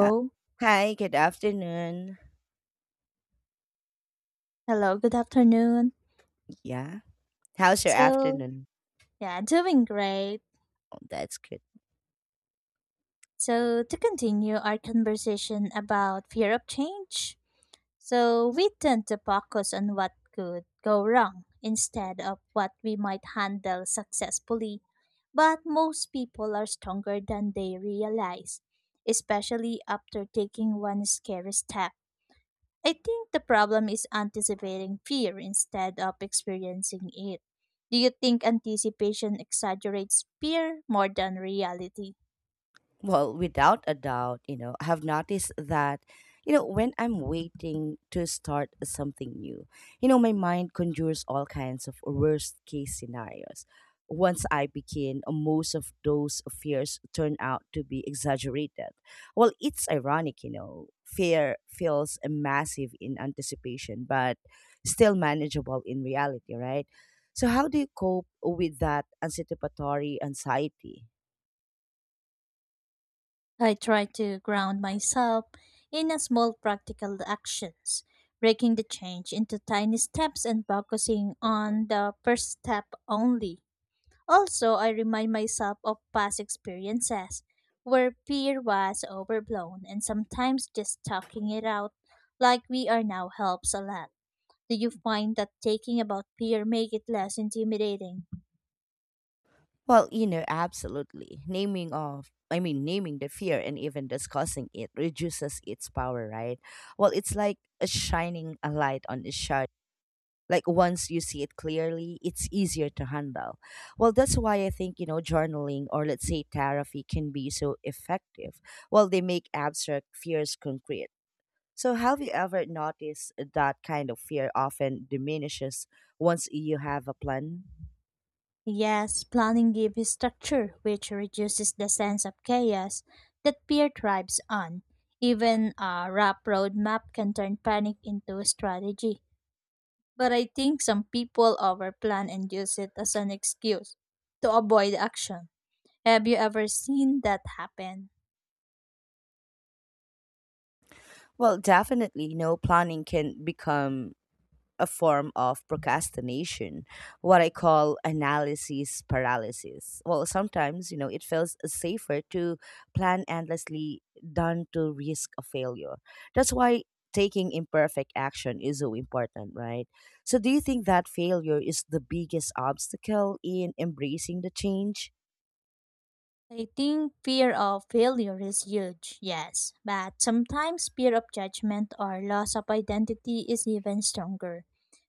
Hi hi, good afternoon. Hello, good afternoon. Yeah. How's your So, afternoon? yeah, doing great. Oh, that's good. So, to continue our conversation about fear of change, so we tend to focus on what could go wrong instead of what we might handle successfully. But most people are stronger than they realize, especially after taking one scary step. I think the problem is anticipating fear instead of experiencing it. Do you think anticipation exaggerates fear more than reality? Well, without a doubt, I have noticed that when I'm waiting to start something new, my mind conjures all kinds of worst case scenarios. Once I begin, most of those fears turn out to be exaggerated. Well, it's ironic, fear feels massive in anticipation but still manageable in reality, right? So how do you cope with that anticipatory anxiety? I try to ground myself in a small practical actions, breaking the change into tiny steps and focusing on the first step only. Also, I remind myself of past experiences where fear was overblown and sometimes just talking it out like we are now helps a lot. Do you find that taking about fear make it less intimidating? Well, absolutely. Naming of I mean Naming the fear and even discussing it reduces its power, right? Well, it's like a shining a light on a shadow. Like once you see it clearly, it's easier to handle. Well, that's why I think, journaling or let's say therapy can be so effective. Well, they make abstract fears concrete. So have you ever noticed that kind of fear often diminishes once you have a plan? Yes, planning gives structure, which reduces the sense of chaos that fear thrives on. Even a rough roadmap can turn panic into a strategy. But I think some people overplan and use it as an excuse to avoid action. Have you ever seen that happen? Well, definitely no planning can become a form of procrastination, what I call analysis paralysis. Well, sometimes, it feels safer to plan endlessly than to risk a failure. That's why taking imperfect action is so important, right? So, do you think that failure is the biggest obstacle in embracing the change? I think fear of failure is huge, yes, but sometimes fear of judgment or loss of identity is even stronger.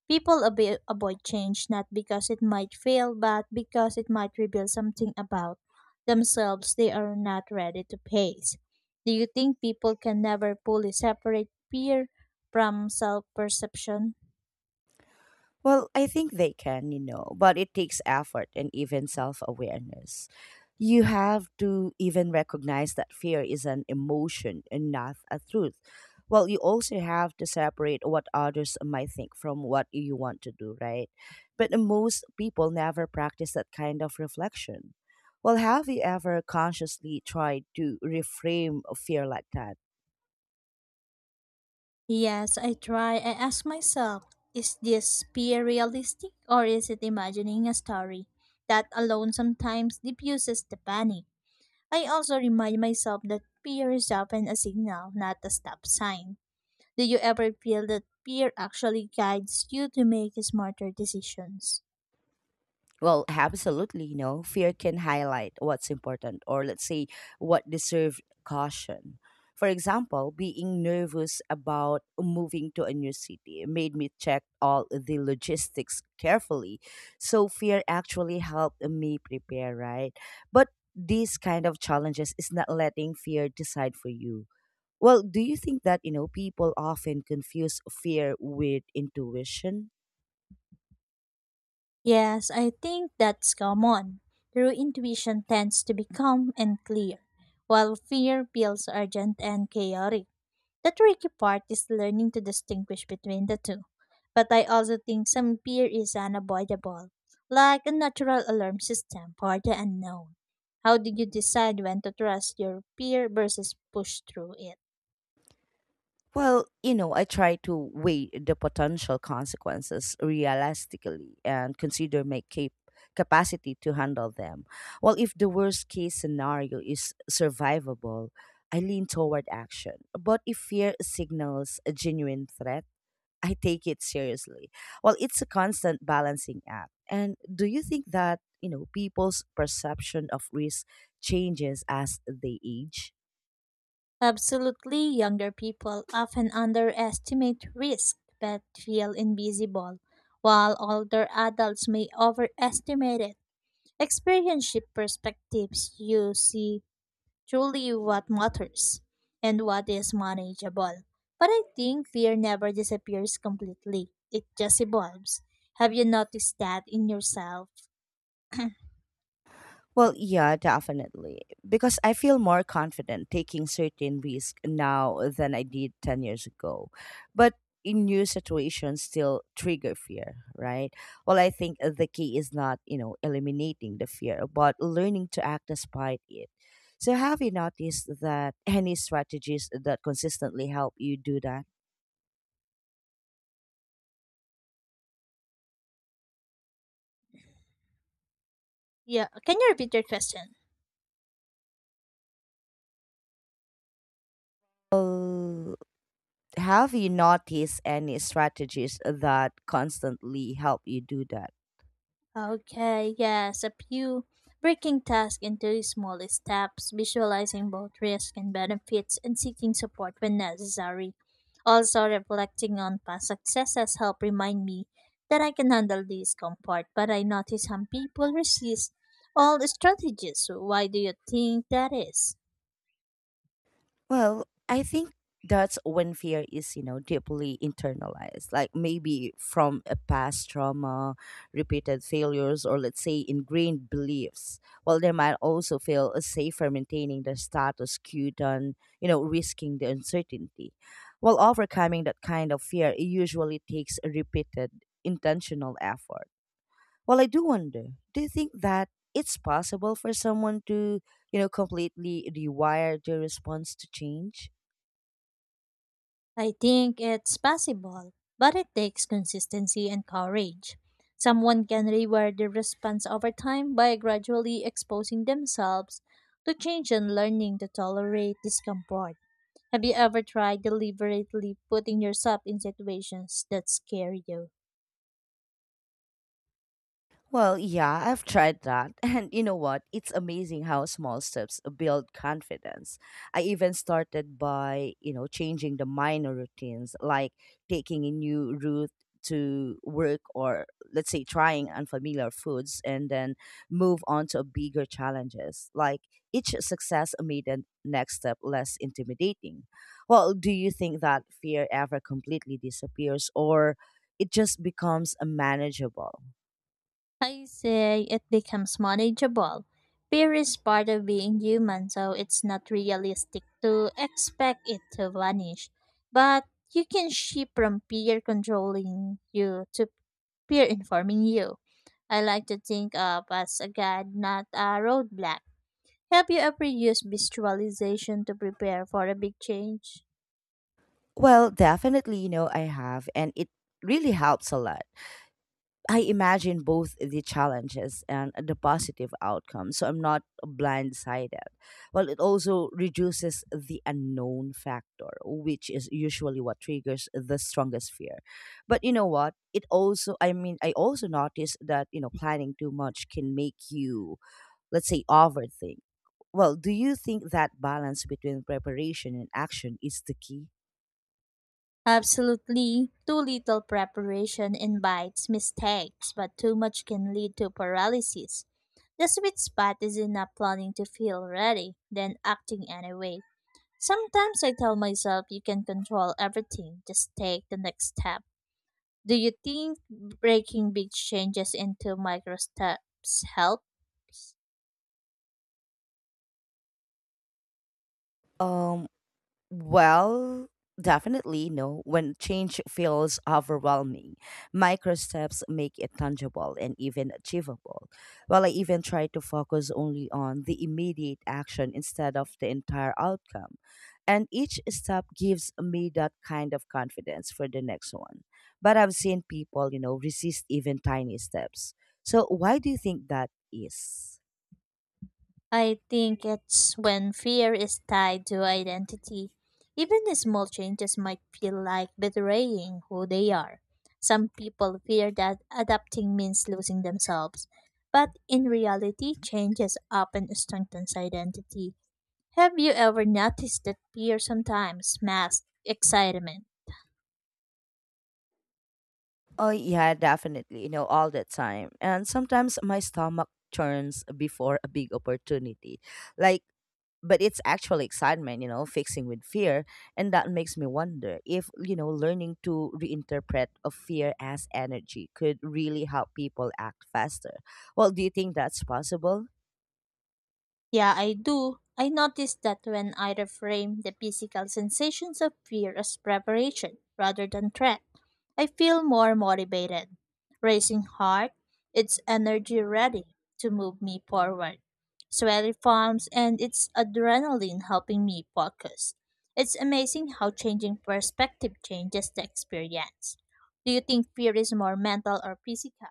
People avoid change not because it might fail, but because it might reveal something about themselves they are not ready to face. Do you think people can never fully separate fear from self perception? Well, I think they can, but it takes effort and even self awareness. You have to even recognize that fear is an emotion and not a truth. Well, you also have to separate what others might think from what you want to do, right? But most people never practice that kind of reflection. Well, have you ever consciously tried to reframe a fear like that? Yes, I try. I ask myself, is this peer realistic or is it imagining a story? That alone sometimes diffuses the panic. I also remind myself that peer is often a signal, not a stop sign. Do you ever feel that peer actually guides you to make smarter decisions? Well, absolutely, fear can highlight what's important, or let's say what deserves caution. For example, being nervous about moving to a new city made me check all the logistics carefully. So fear actually helped me prepare, right? But these kind of challenges is not letting fear decide for you. Well, do you think that, people often confuse fear with intuition? Yes, I think that's common. True intuition tends to be calm and clear, while fear feels urgent and chaotic. The tricky part is learning to distinguish between the two. But I also think some fear is unavoidable, like a natural alarm system for the unknown. How do you decide when to trust your fear versus push through it? Well, I try to weigh the potential consequences realistically and consider my capacity to handle them. Well, if the worst case scenario is survivable, I lean toward action. But if fear signals a genuine threat, I take it seriously. Well, it's a constant balancing act. And do you think that, people's perception of risk changes as they age? Absolutely, younger people often underestimate risk but feel invisible, while older adults may overestimate it. Experience shift perspectives you see truly what matters and what is manageable. But I think fear never disappears completely, it just evolves. Have you noticed that in yourself? Well, yeah, definitely. Because I feel more confident taking certain risk now than I did 10 years ago. But in new situations still trigger fear, right? Well, I think the key is not, eliminating the fear, but learning to act despite it. So have you noticed that any strategies that consistently help you do that? Yeah, can you repeat your question? Well, have you noticed any strategies that constantly help you do that? Okay, yes, a few breaking tasks into small steps, visualizing both risks and benefits, and seeking support when necessary. Also, reflecting on past successes help remind me that I can handle discomfort, but I notice some people resist all strategies. So why do you think that is? Well, I think that's when fear is, deeply internalized, like maybe from a past trauma, repeated failures, or let's say ingrained beliefs. While they might also feel safer maintaining the status quo than, risking the uncertainty. While overcoming that kind of fear, it usually takes a repeated intentional effort. Well, I do wonder, do you think that it's possible for someone to, completely rewire their response to change? I think it's possible, but it takes consistency and courage. Someone can reward their response over time by gradually exposing themselves to change and learning to tolerate discomfort. Have you ever tried deliberately putting yourself in situations that scare you? Well, yeah, I've tried that. And you know what? It's amazing how small steps build confidence. I even started by, changing the minor routines, like taking a new route to work or let's say trying unfamiliar foods and then move on to bigger challenges. Like each success made the next step less intimidating. Well, do you think that fear ever completely disappears or it just becomes unmanageable? I say it becomes manageable. Fear is part of being human, so it's not realistic to expect it to vanish. But you can shift from fear controlling you to fear informing you. I like to think of as a guide, not a roadblock. Have you ever used visualization to prepare for a big change? Well, definitely, I have, and it really helps a lot. I imagine both the challenges and the positive outcomes, so I'm not blindsided. Well, it also reduces the unknown factor, which is usually what triggers the strongest fear. But you know what? It also, I mean, I also noticed that, planning too much can make you, let's say, overthink. Well, do you think that balance between preparation and action is the key? Absolutely. Too little preparation invites mistakes, but too much can lead to paralysis. The sweet spot is in not planning to feel ready, then acting anyway. Sometimes I tell myself you can control everything, just take the next step. Do you think breaking big changes into micro steps helps? Um. Well, definitely no. When change feels overwhelming, micro steps make it tangible and even achievable. Well, I even try to focus only on the immediate action instead of the entire outcome. And each step gives me that kind of confidence for the next one. But I've seen people, resist even tiny steps. So, why do you think that is? I think it's when fear is tied to identity. Even the small changes might feel like betraying who they are. Some people fear that adapting means losing themselves, but in reality, changes often strengthens identity. Have you ever noticed that fear sometimes masks excitement? Oh yeah, definitely. You know, all the time. And sometimes my stomach turns before a big opportunity. Like, but it's actual excitement, fixing with fear. And that makes me wonder if, learning to reinterpret a fear as energy could really help people act faster. Well, do you think that's possible? Yeah, I do. I notice that when I reframe the physical sensations of fear as preparation rather than threat, I feel more motivated. Racing heart, its energy ready to move me forward. Sweaty palms and its adrenaline helping me focus. It's amazing how changing perspective changes the experience. Do you think fear is more mental or physical?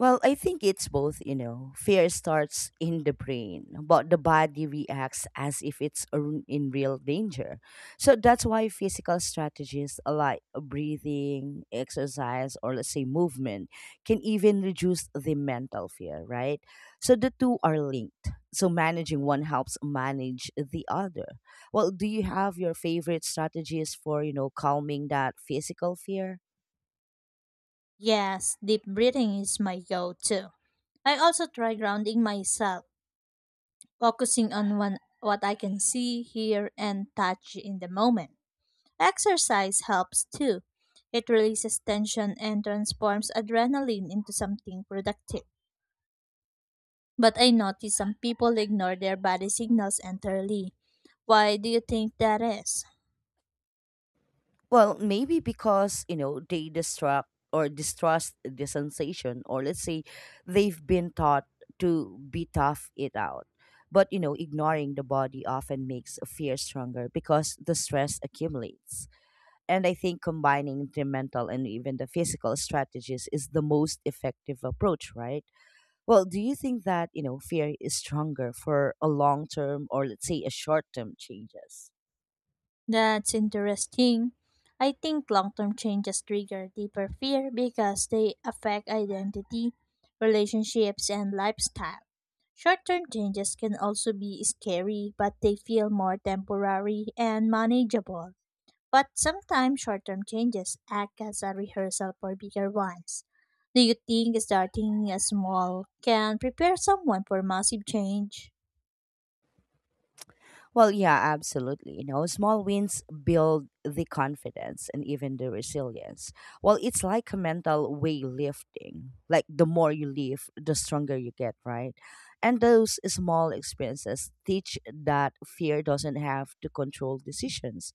Well, I think it's both, Fear starts in the brain, but the body reacts as if it's a in real danger. So that's why physical strategies like breathing, exercise, or let's say movement can even reduce the mental fear, right? So the two are linked. So managing one helps manage the other. Well, do you have your favorite strategies for, calming that physical fear? Yes, deep breathing is my go to. I also try grounding myself, focusing on one, what I can see, hear, and touch in the moment. Exercise helps too. It releases tension and transforms adrenaline into something productive. But I notice some people ignore their body signals entirely. Why do you think that is? Well, maybe because, they distract or distrust the sensation, or let's say they've been taught to be tough it out. But, ignoring the body often makes fear stronger because the stress accumulates. And I think combining the mental and even the physical strategies is the most effective approach, right? Well, do you think that, fear is stronger for a long term or let's say a short term changes? That's interesting. I think long term changes trigger deeper fear because they affect identity, relationships, and lifestyle. Short term changes can also be scary, but they feel more temporary and manageable. But sometimes short term changes act as a rehearsal for bigger ones. Do you think starting small can prepare someone for massive change? Well, yeah, absolutely. Small wins build the confidence and even the resilience. Well, it's like a mental weightlifting. Like the more you lift, the stronger you get, right? And those small experiences teach that fear doesn't have to control decisions.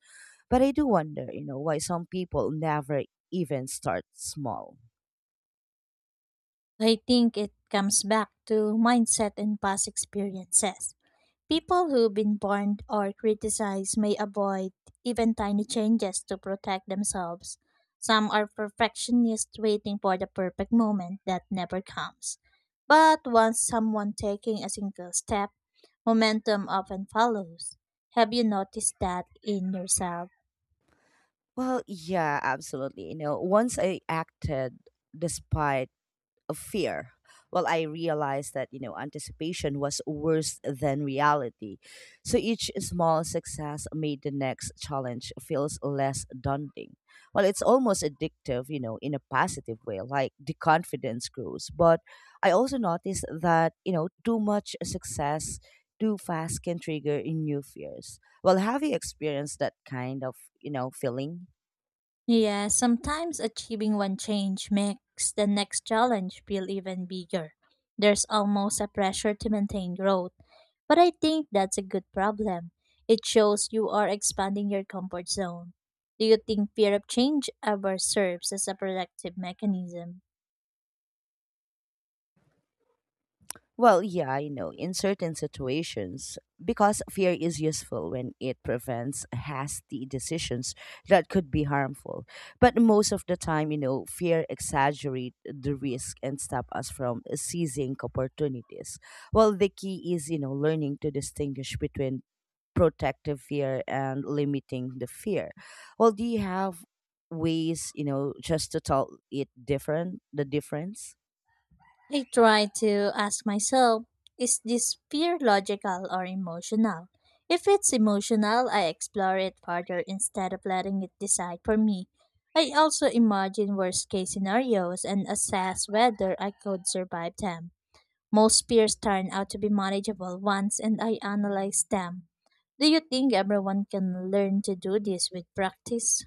But I do wonder, why some people never even start small. I think it comes back to mindset and past experiences. People who've been burned or criticized may avoid even tiny changes to protect themselves. Some are perfectionists waiting for the perfect moment that never comes. But once someone taking a single step, momentum often follows. Have you noticed that in yourself? Well, yeah, absolutely. Once I acted despite of fear. Well, I realized that, anticipation was worse than reality. So each small success made the next challenge feels less daunting. Well, it's almost addictive, in a positive way, like the confidence grows. But I also noticed that, too much success too fast can trigger in new fears. Well, have you experienced that kind of, feeling? Yeah, sometimes achieving one change makes the next challenge feel even bigger. There's almost a pressure to maintain growth. But I think that's a good problem. It shows you are expanding your comfort zone. Do you think fear of change ever serves as a productive mechanism? Well, yeah, I know, in certain situations, because fear is useful when it prevents hasty decisions that could be harmful. But most of the time, fear exaggerates the risk and stop us from seizing opportunities. Well, the key is, learning to distinguish between protective fear and limiting the fear. Well, do you have ways, just to tell it different, the difference? I try to ask myself, is this fear logical or emotional? If it's emotional, I explore it further instead of letting it decide for me. I also imagine worst case scenarios and assess whether I could survive them. Most fears turn out to be manageable ones and I analyze them. Do you think everyone can learn to do this with practice?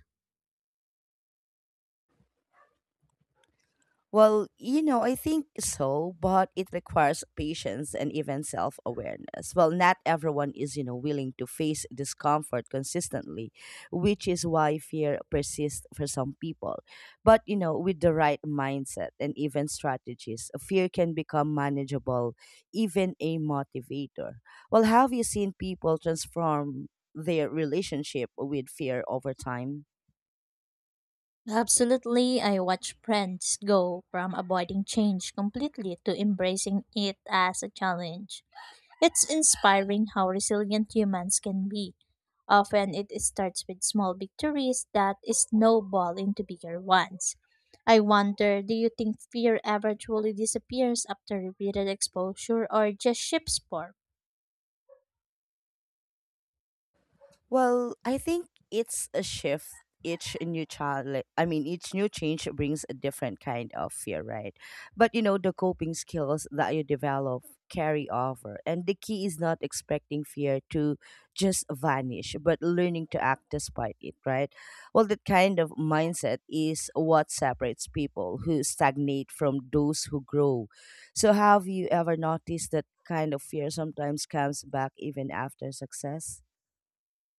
Well, I think so, but it requires patience and even self awareness. Well, not everyone is, willing to face discomfort consistently, which is why fear persists for some people. But, with the right mindset and even strategies, fear can become manageable, even a motivator. Well, have you seen people transform their relationship with fear over time? Absolutely, I watch friends go from avoiding change completely to embracing it as a challenge. It's inspiring how resilient humans can be. Often it starts with small victories that snowball into bigger ones. I wonder, do you think fear ever truly disappears after repeated exposure or just shifts form? Well, I think it's a shift. Each new child, like, I mean, Each new change brings a different kind of fear, right? But you know the coping skills that you develop carry over. And the key is not expecting fear to just vanish, but learning to act despite it, right? Well, that kind of mindset is what separates people who stagnate from those who grow. So, have you ever noticed that kind of fear sometimes comes back even after success?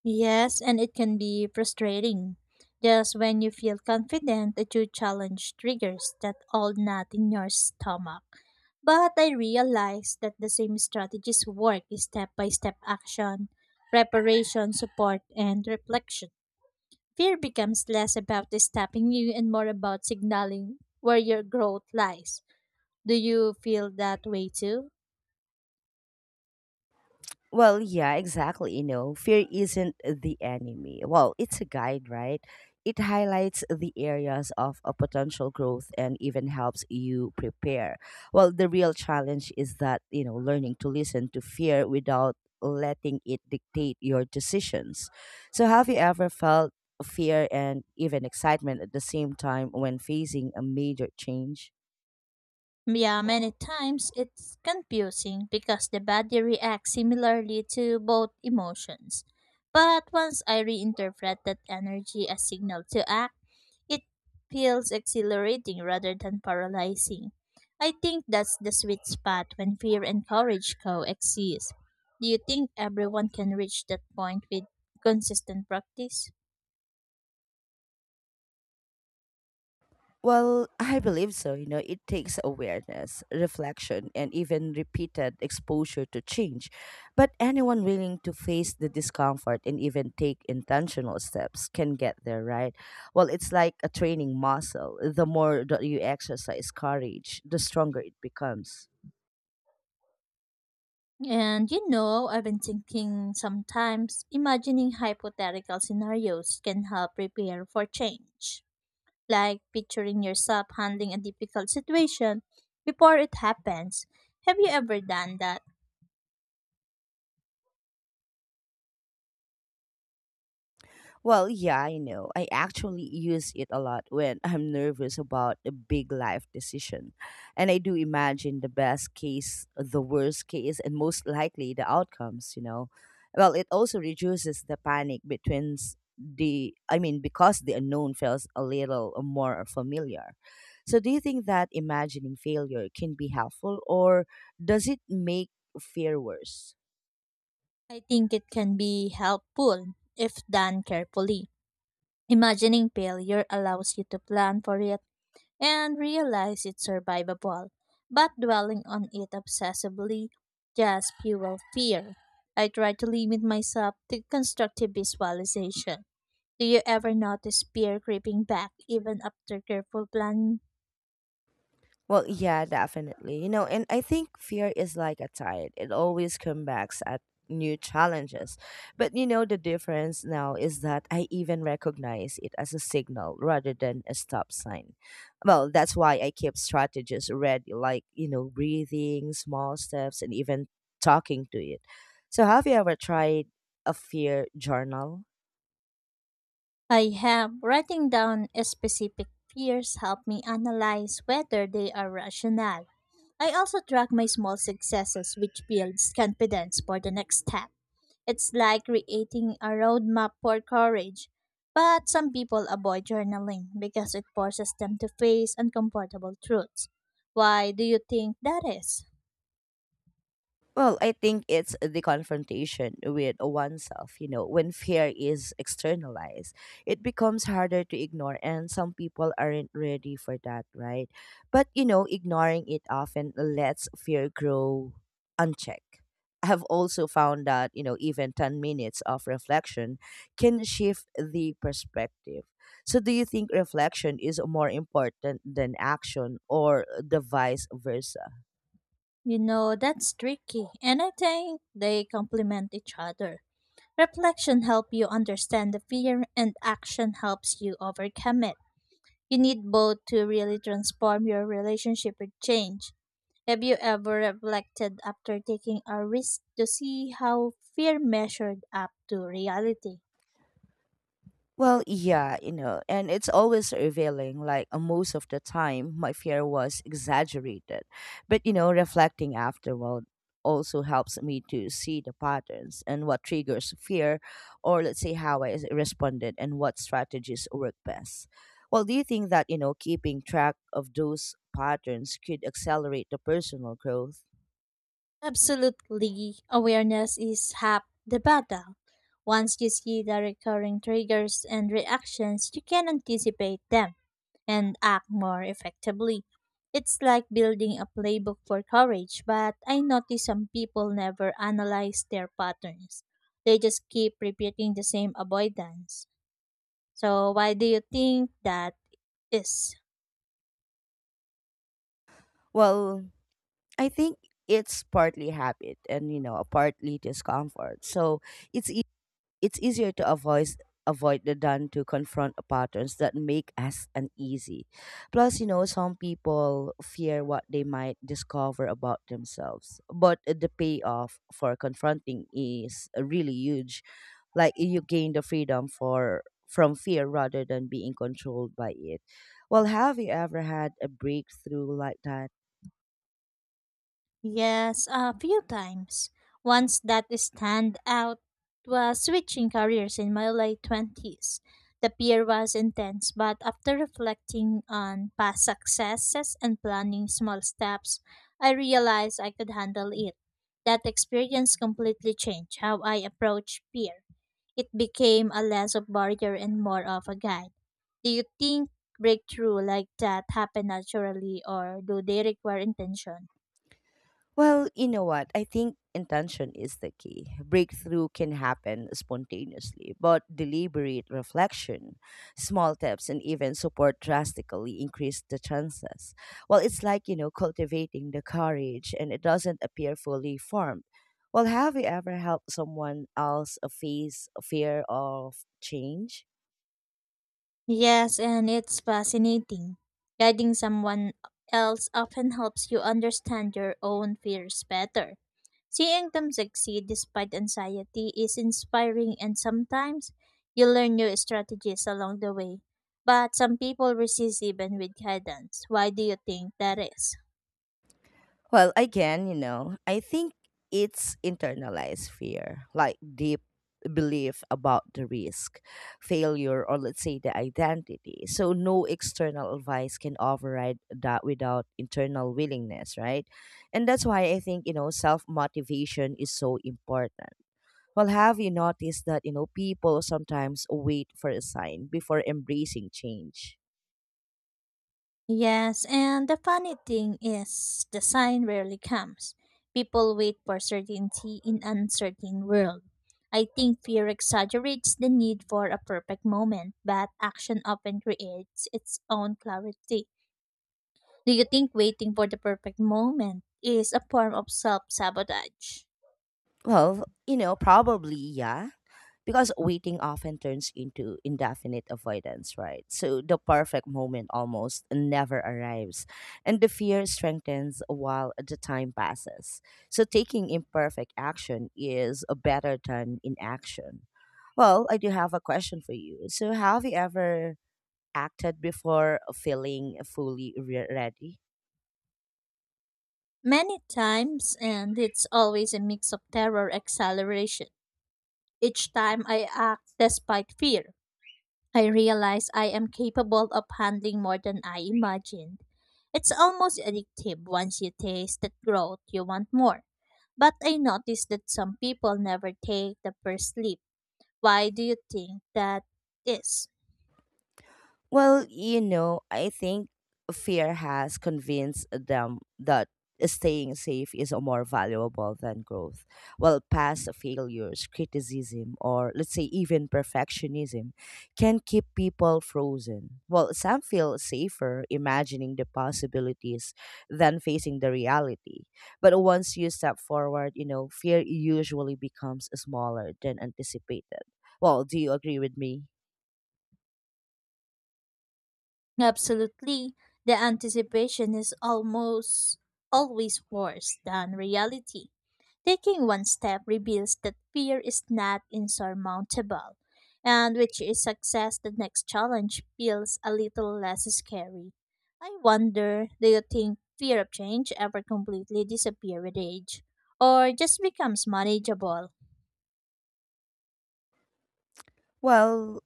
Yes, and it can be frustrating. Just when you feel confident that you challenge triggers that old knot in your stomach. But I realized that the same strategies work is step by step action, preparation, support, and reflection. Fear becomes less about stopping you and more about signaling where your growth lies. Do you feel that way too? Well, yeah, exactly. Fear isn't the enemy. Well, it's a guide, right? It highlights the areas of a potential growth and even helps you prepare. Well, the real challenge is that, learning to listen to fear without letting it dictate your decisions. So, have you ever felt fear and even excitement at the same time when facing a major change? Yeah, many times it's confusing because the body reacts similarly to both emotions. But once I reinterpret that energy as signal to act, it feels exhilarating rather than paralyzing. I think that's the sweet spot when fear and courage coexist. Do you think everyone can reach that point with consistent practice? Well, I believe so. It takes awareness, reflection, and even repeated exposure to change. But anyone willing to face the discomfort and even take intentional steps can get there, right? Well, it's like a training muscle. The more that you exercise courage, the stronger it becomes. And you know, I've been thinking sometimes imagining hypothetical scenarios can help prepare for change. Like picturing yourself handling a difficult situation before it happens. Have you ever done that? Well, yeah, I know. I actually use it a lot when I'm nervous about a big life decision. And I do imagine the best case, the worst case, and most likely the outcomes, Well, it also reduces the panic between s- the, I mean, because the unknown feels a little more familiar. So, do you think that imagining failure can be helpful or does it make fear worse? I think it can be helpful if done carefully. Imagining failure allows you to plan for it and realize it's survivable, but dwelling on it obsessively just fuels fear. I try to limit myself to constructive visualization. Do you ever notice fear creeping back even after careful planning? Well, yeah, definitely. And I think fear is like a tide. It always comes back at new challenges. But you know, the difference now is that I even recognize it as a signal rather than a stop sign. Well, that's why I keep strategies ready, like, you know, breathing, small steps, and even talking to it. So, have you ever tried a fear journal? I have. Writing down specific fears help me analyze whether they are rational. I also track my small successes, which builds confidence for the next step. It's like creating a roadmap for courage. But some people avoid journaling because it forces them to face uncomfortable truths. Why do you think that is? Well, I think it's the confrontation with oneself. You know, when fear is externalized, it becomes harder to ignore, and some people aren't ready for that, right? But, you know, ignoring it often lets fear grow unchecked. I have also found that, you know, even 10 minutes of reflection can shift the perspective. So, do you think reflection is more important than action or the vice versa? You know, that's tricky, and I think they complement each other. Reflection helps you understand the fear, and action helps you overcome it. You need both to really transform your relationship with change. Have you ever reflected after taking a risk to see how fear measured up to reality? Well, yeah, you know, and it's always revealing, like, most of the time, my fear was exaggerated. But, you know, reflecting afterward also helps me to see the patterns and what triggers fear, or let's say how I responded and what strategies work best. Well, do you think that, you know, keeping track of those patterns could accelerate the personal growth? Absolutely. Awareness is half the battle. Once you see the recurring triggers and reactions, you can anticipate them and act more effectively. It's like building a playbook for courage, but I notice some people never analyze their patterns. They just keep repeating the same avoidance. So, why do you think that is? Well, I think it's partly habit and you know partly discomfort. So it's e- it's easier to avoid avoid the than to confront the patterns that make us uneasy. Plus, you know, some people fear what they might discover about themselves, but the payoff for confronting is really huge. Like you gain the freedom for from fear rather than being controlled by it. Well, have you ever had a breakthrough like that? Yes, a few times. Once that stand out was switching careers in my late twenties. The fear was intense, but after reflecting on past successes and planning small steps, I realized I could handle it. That experience completely changed how I approach fear. It became a less of barrier and more of a guide. Do you think breakthrough like that happen naturally or do they require intention? Well, you know what? I think intention is the key. Breakthrough can happen spontaneously, but deliberate reflection, small tips, and even support drastically increase the chances. Well, it's like, you know, cultivating the courage and it doesn't appear fully formed. Well, have you ever helped someone else face fear of change? Yes, and it's fascinating. Guiding someone else often helps you understand your own fears better. Seeing them succeed despite anxiety is inspiring, and sometimes you learn new strategies along the way. But some people resist even with guidance. Why do you think that is? Well, again, you know, I think it's internalized fear, like deep belief about the risk, failure, or let's say the identity. So, no external advice can override that without internal willingness, right? And that's why I think, you know, self motivation is so important. Well, have you noticed that, you know, people sometimes wait for a sign before embracing change? Yes, and the funny thing is, the sign rarely comes. People wait for certainty in uncertain world. I think fear exaggerates the need for a perfect moment, but action often creates its own clarity. Do you think waiting for the perfect moment is a form of self-sabotage? Well, you know, probably, yeah. Because waiting often turns into indefinite avoidance, right? So the perfect moment almost never arrives. And the fear strengthens while the time passes. So taking imperfect action is better than inaction. Well, I do have a question for you. So, have you ever acted before feeling fully ready? Many times, and it's always a mix of terror acceleration. Each time I act despite fear. I realize I am capable of handling more than I imagined. It's almost addictive once you taste that growth, you want more. But I noticed that some people never take the first leap. Why do you think that is? Well, you know, I think fear has convinced them that staying safe is more valuable than growth. Well, past failures, criticism, or let's say even perfectionism can keep people frozen. Well, some feel safer imagining the possibilities than facing the reality. But once you step forward, you know, fear usually becomes smaller than anticipated. Well, do you agree with me? Absolutely. The anticipation is almost always worse than reality. Taking one step reveals that fear is not insurmountable, and which is success the next challenge feels a little less scary. I wonder, do you think fear of change ever completely disappear with age, or just becomes manageable? Well,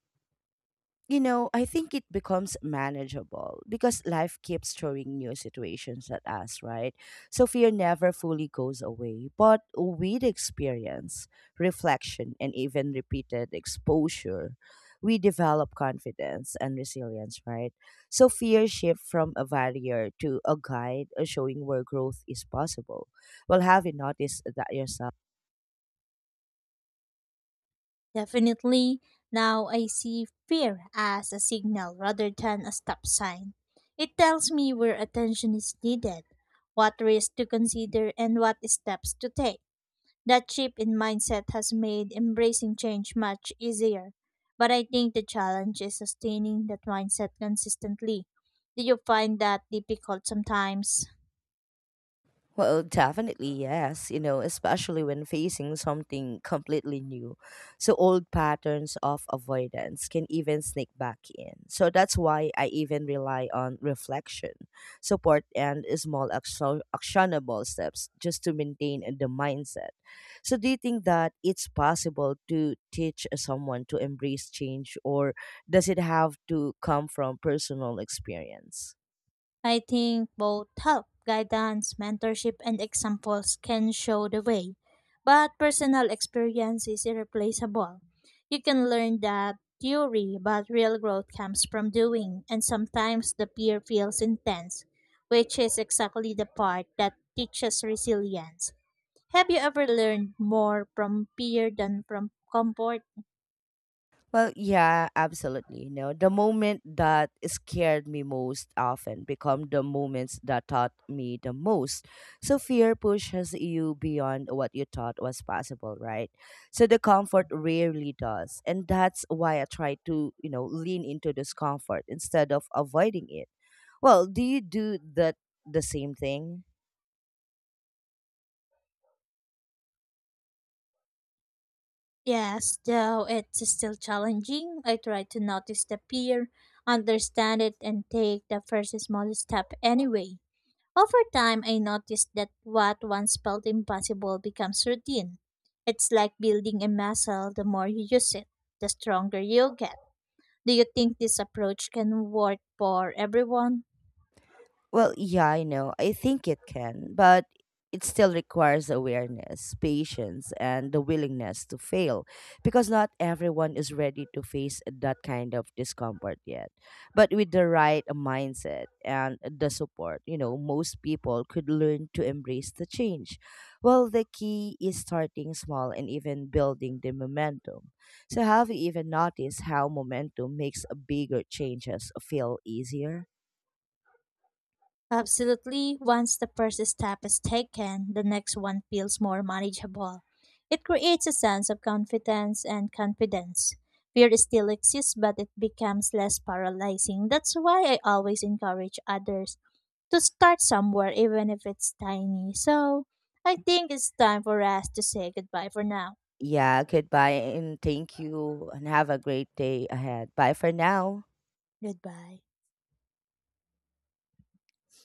you know, I think it becomes manageable because life keeps throwing new situations at us, right? So fear never fully goes away. But with experience, reflection, and even repeated exposure, we develop confidence and resilience, right? So fear shifts from a barrier to a guide, showing where growth is possible. Well, have you noticed that yourself? Definitely, now I see fear as a signal rather than a stop sign. It tells me where attention is needed, what risks to consider, and what steps to take. That shift in mindset has made embracing change much easier. But I think the challenge is sustaining that mindset consistently. Do you find that difficult sometimes? Well, definitely, yes, you know, especially when facing something completely new. So, old patterns of avoidance can even sneak back in. So, that's why I even rely on reflection, support, and small actionable steps just to maintain the mindset. So, do you think that it's possible to teach someone to embrace change or does it have to come from personal experience? I think both help, guidance, mentorship, and examples can show the way. But personal experience is irreplaceable. You can learn that theory, but real growth comes from doing, and sometimes the fear feels intense, which is exactly the part that teaches resilience. Have you ever learned more from fear than from comfort? Well, yeah, absolutely. You know, the moment that scared me most often become the moments that taught me the most. So fear pushes you beyond what you thought was possible, right? So the comfort rarely does. And that's why I try to, you know, lean into discomfort instead of avoiding it. Well, do you do that the same thing? Yes, though it's still challenging, I try to notice the fear, understand it, and take the first small step anyway. Over time, I noticed that what once felt impossible becomes routine. It's like building a muscle, the more you use it, the stronger you'll get. Do you think this approach can work for everyone? Well, yeah, I know. I think it can, but it still requires awareness, patience, and the willingness to fail because not everyone is ready to face that kind of discomfort yet. But with the right mindset and the support, you know, most people could learn to embrace the change. Well, the key is starting small and even building the momentum. So have you even noticed how momentum makes bigger changes feel easier? Absolutely. Once the first step is taken, the next one feels more manageable. It creates a sense of confidence and confidence. Fear still exists, but it becomes less paralyzing. That's why I always encourage others to start somewhere, even if it's tiny. So I think it's time for us to say goodbye for now. Yeah, goodbye and thank you and have a great day ahead. Bye for now. Goodbye.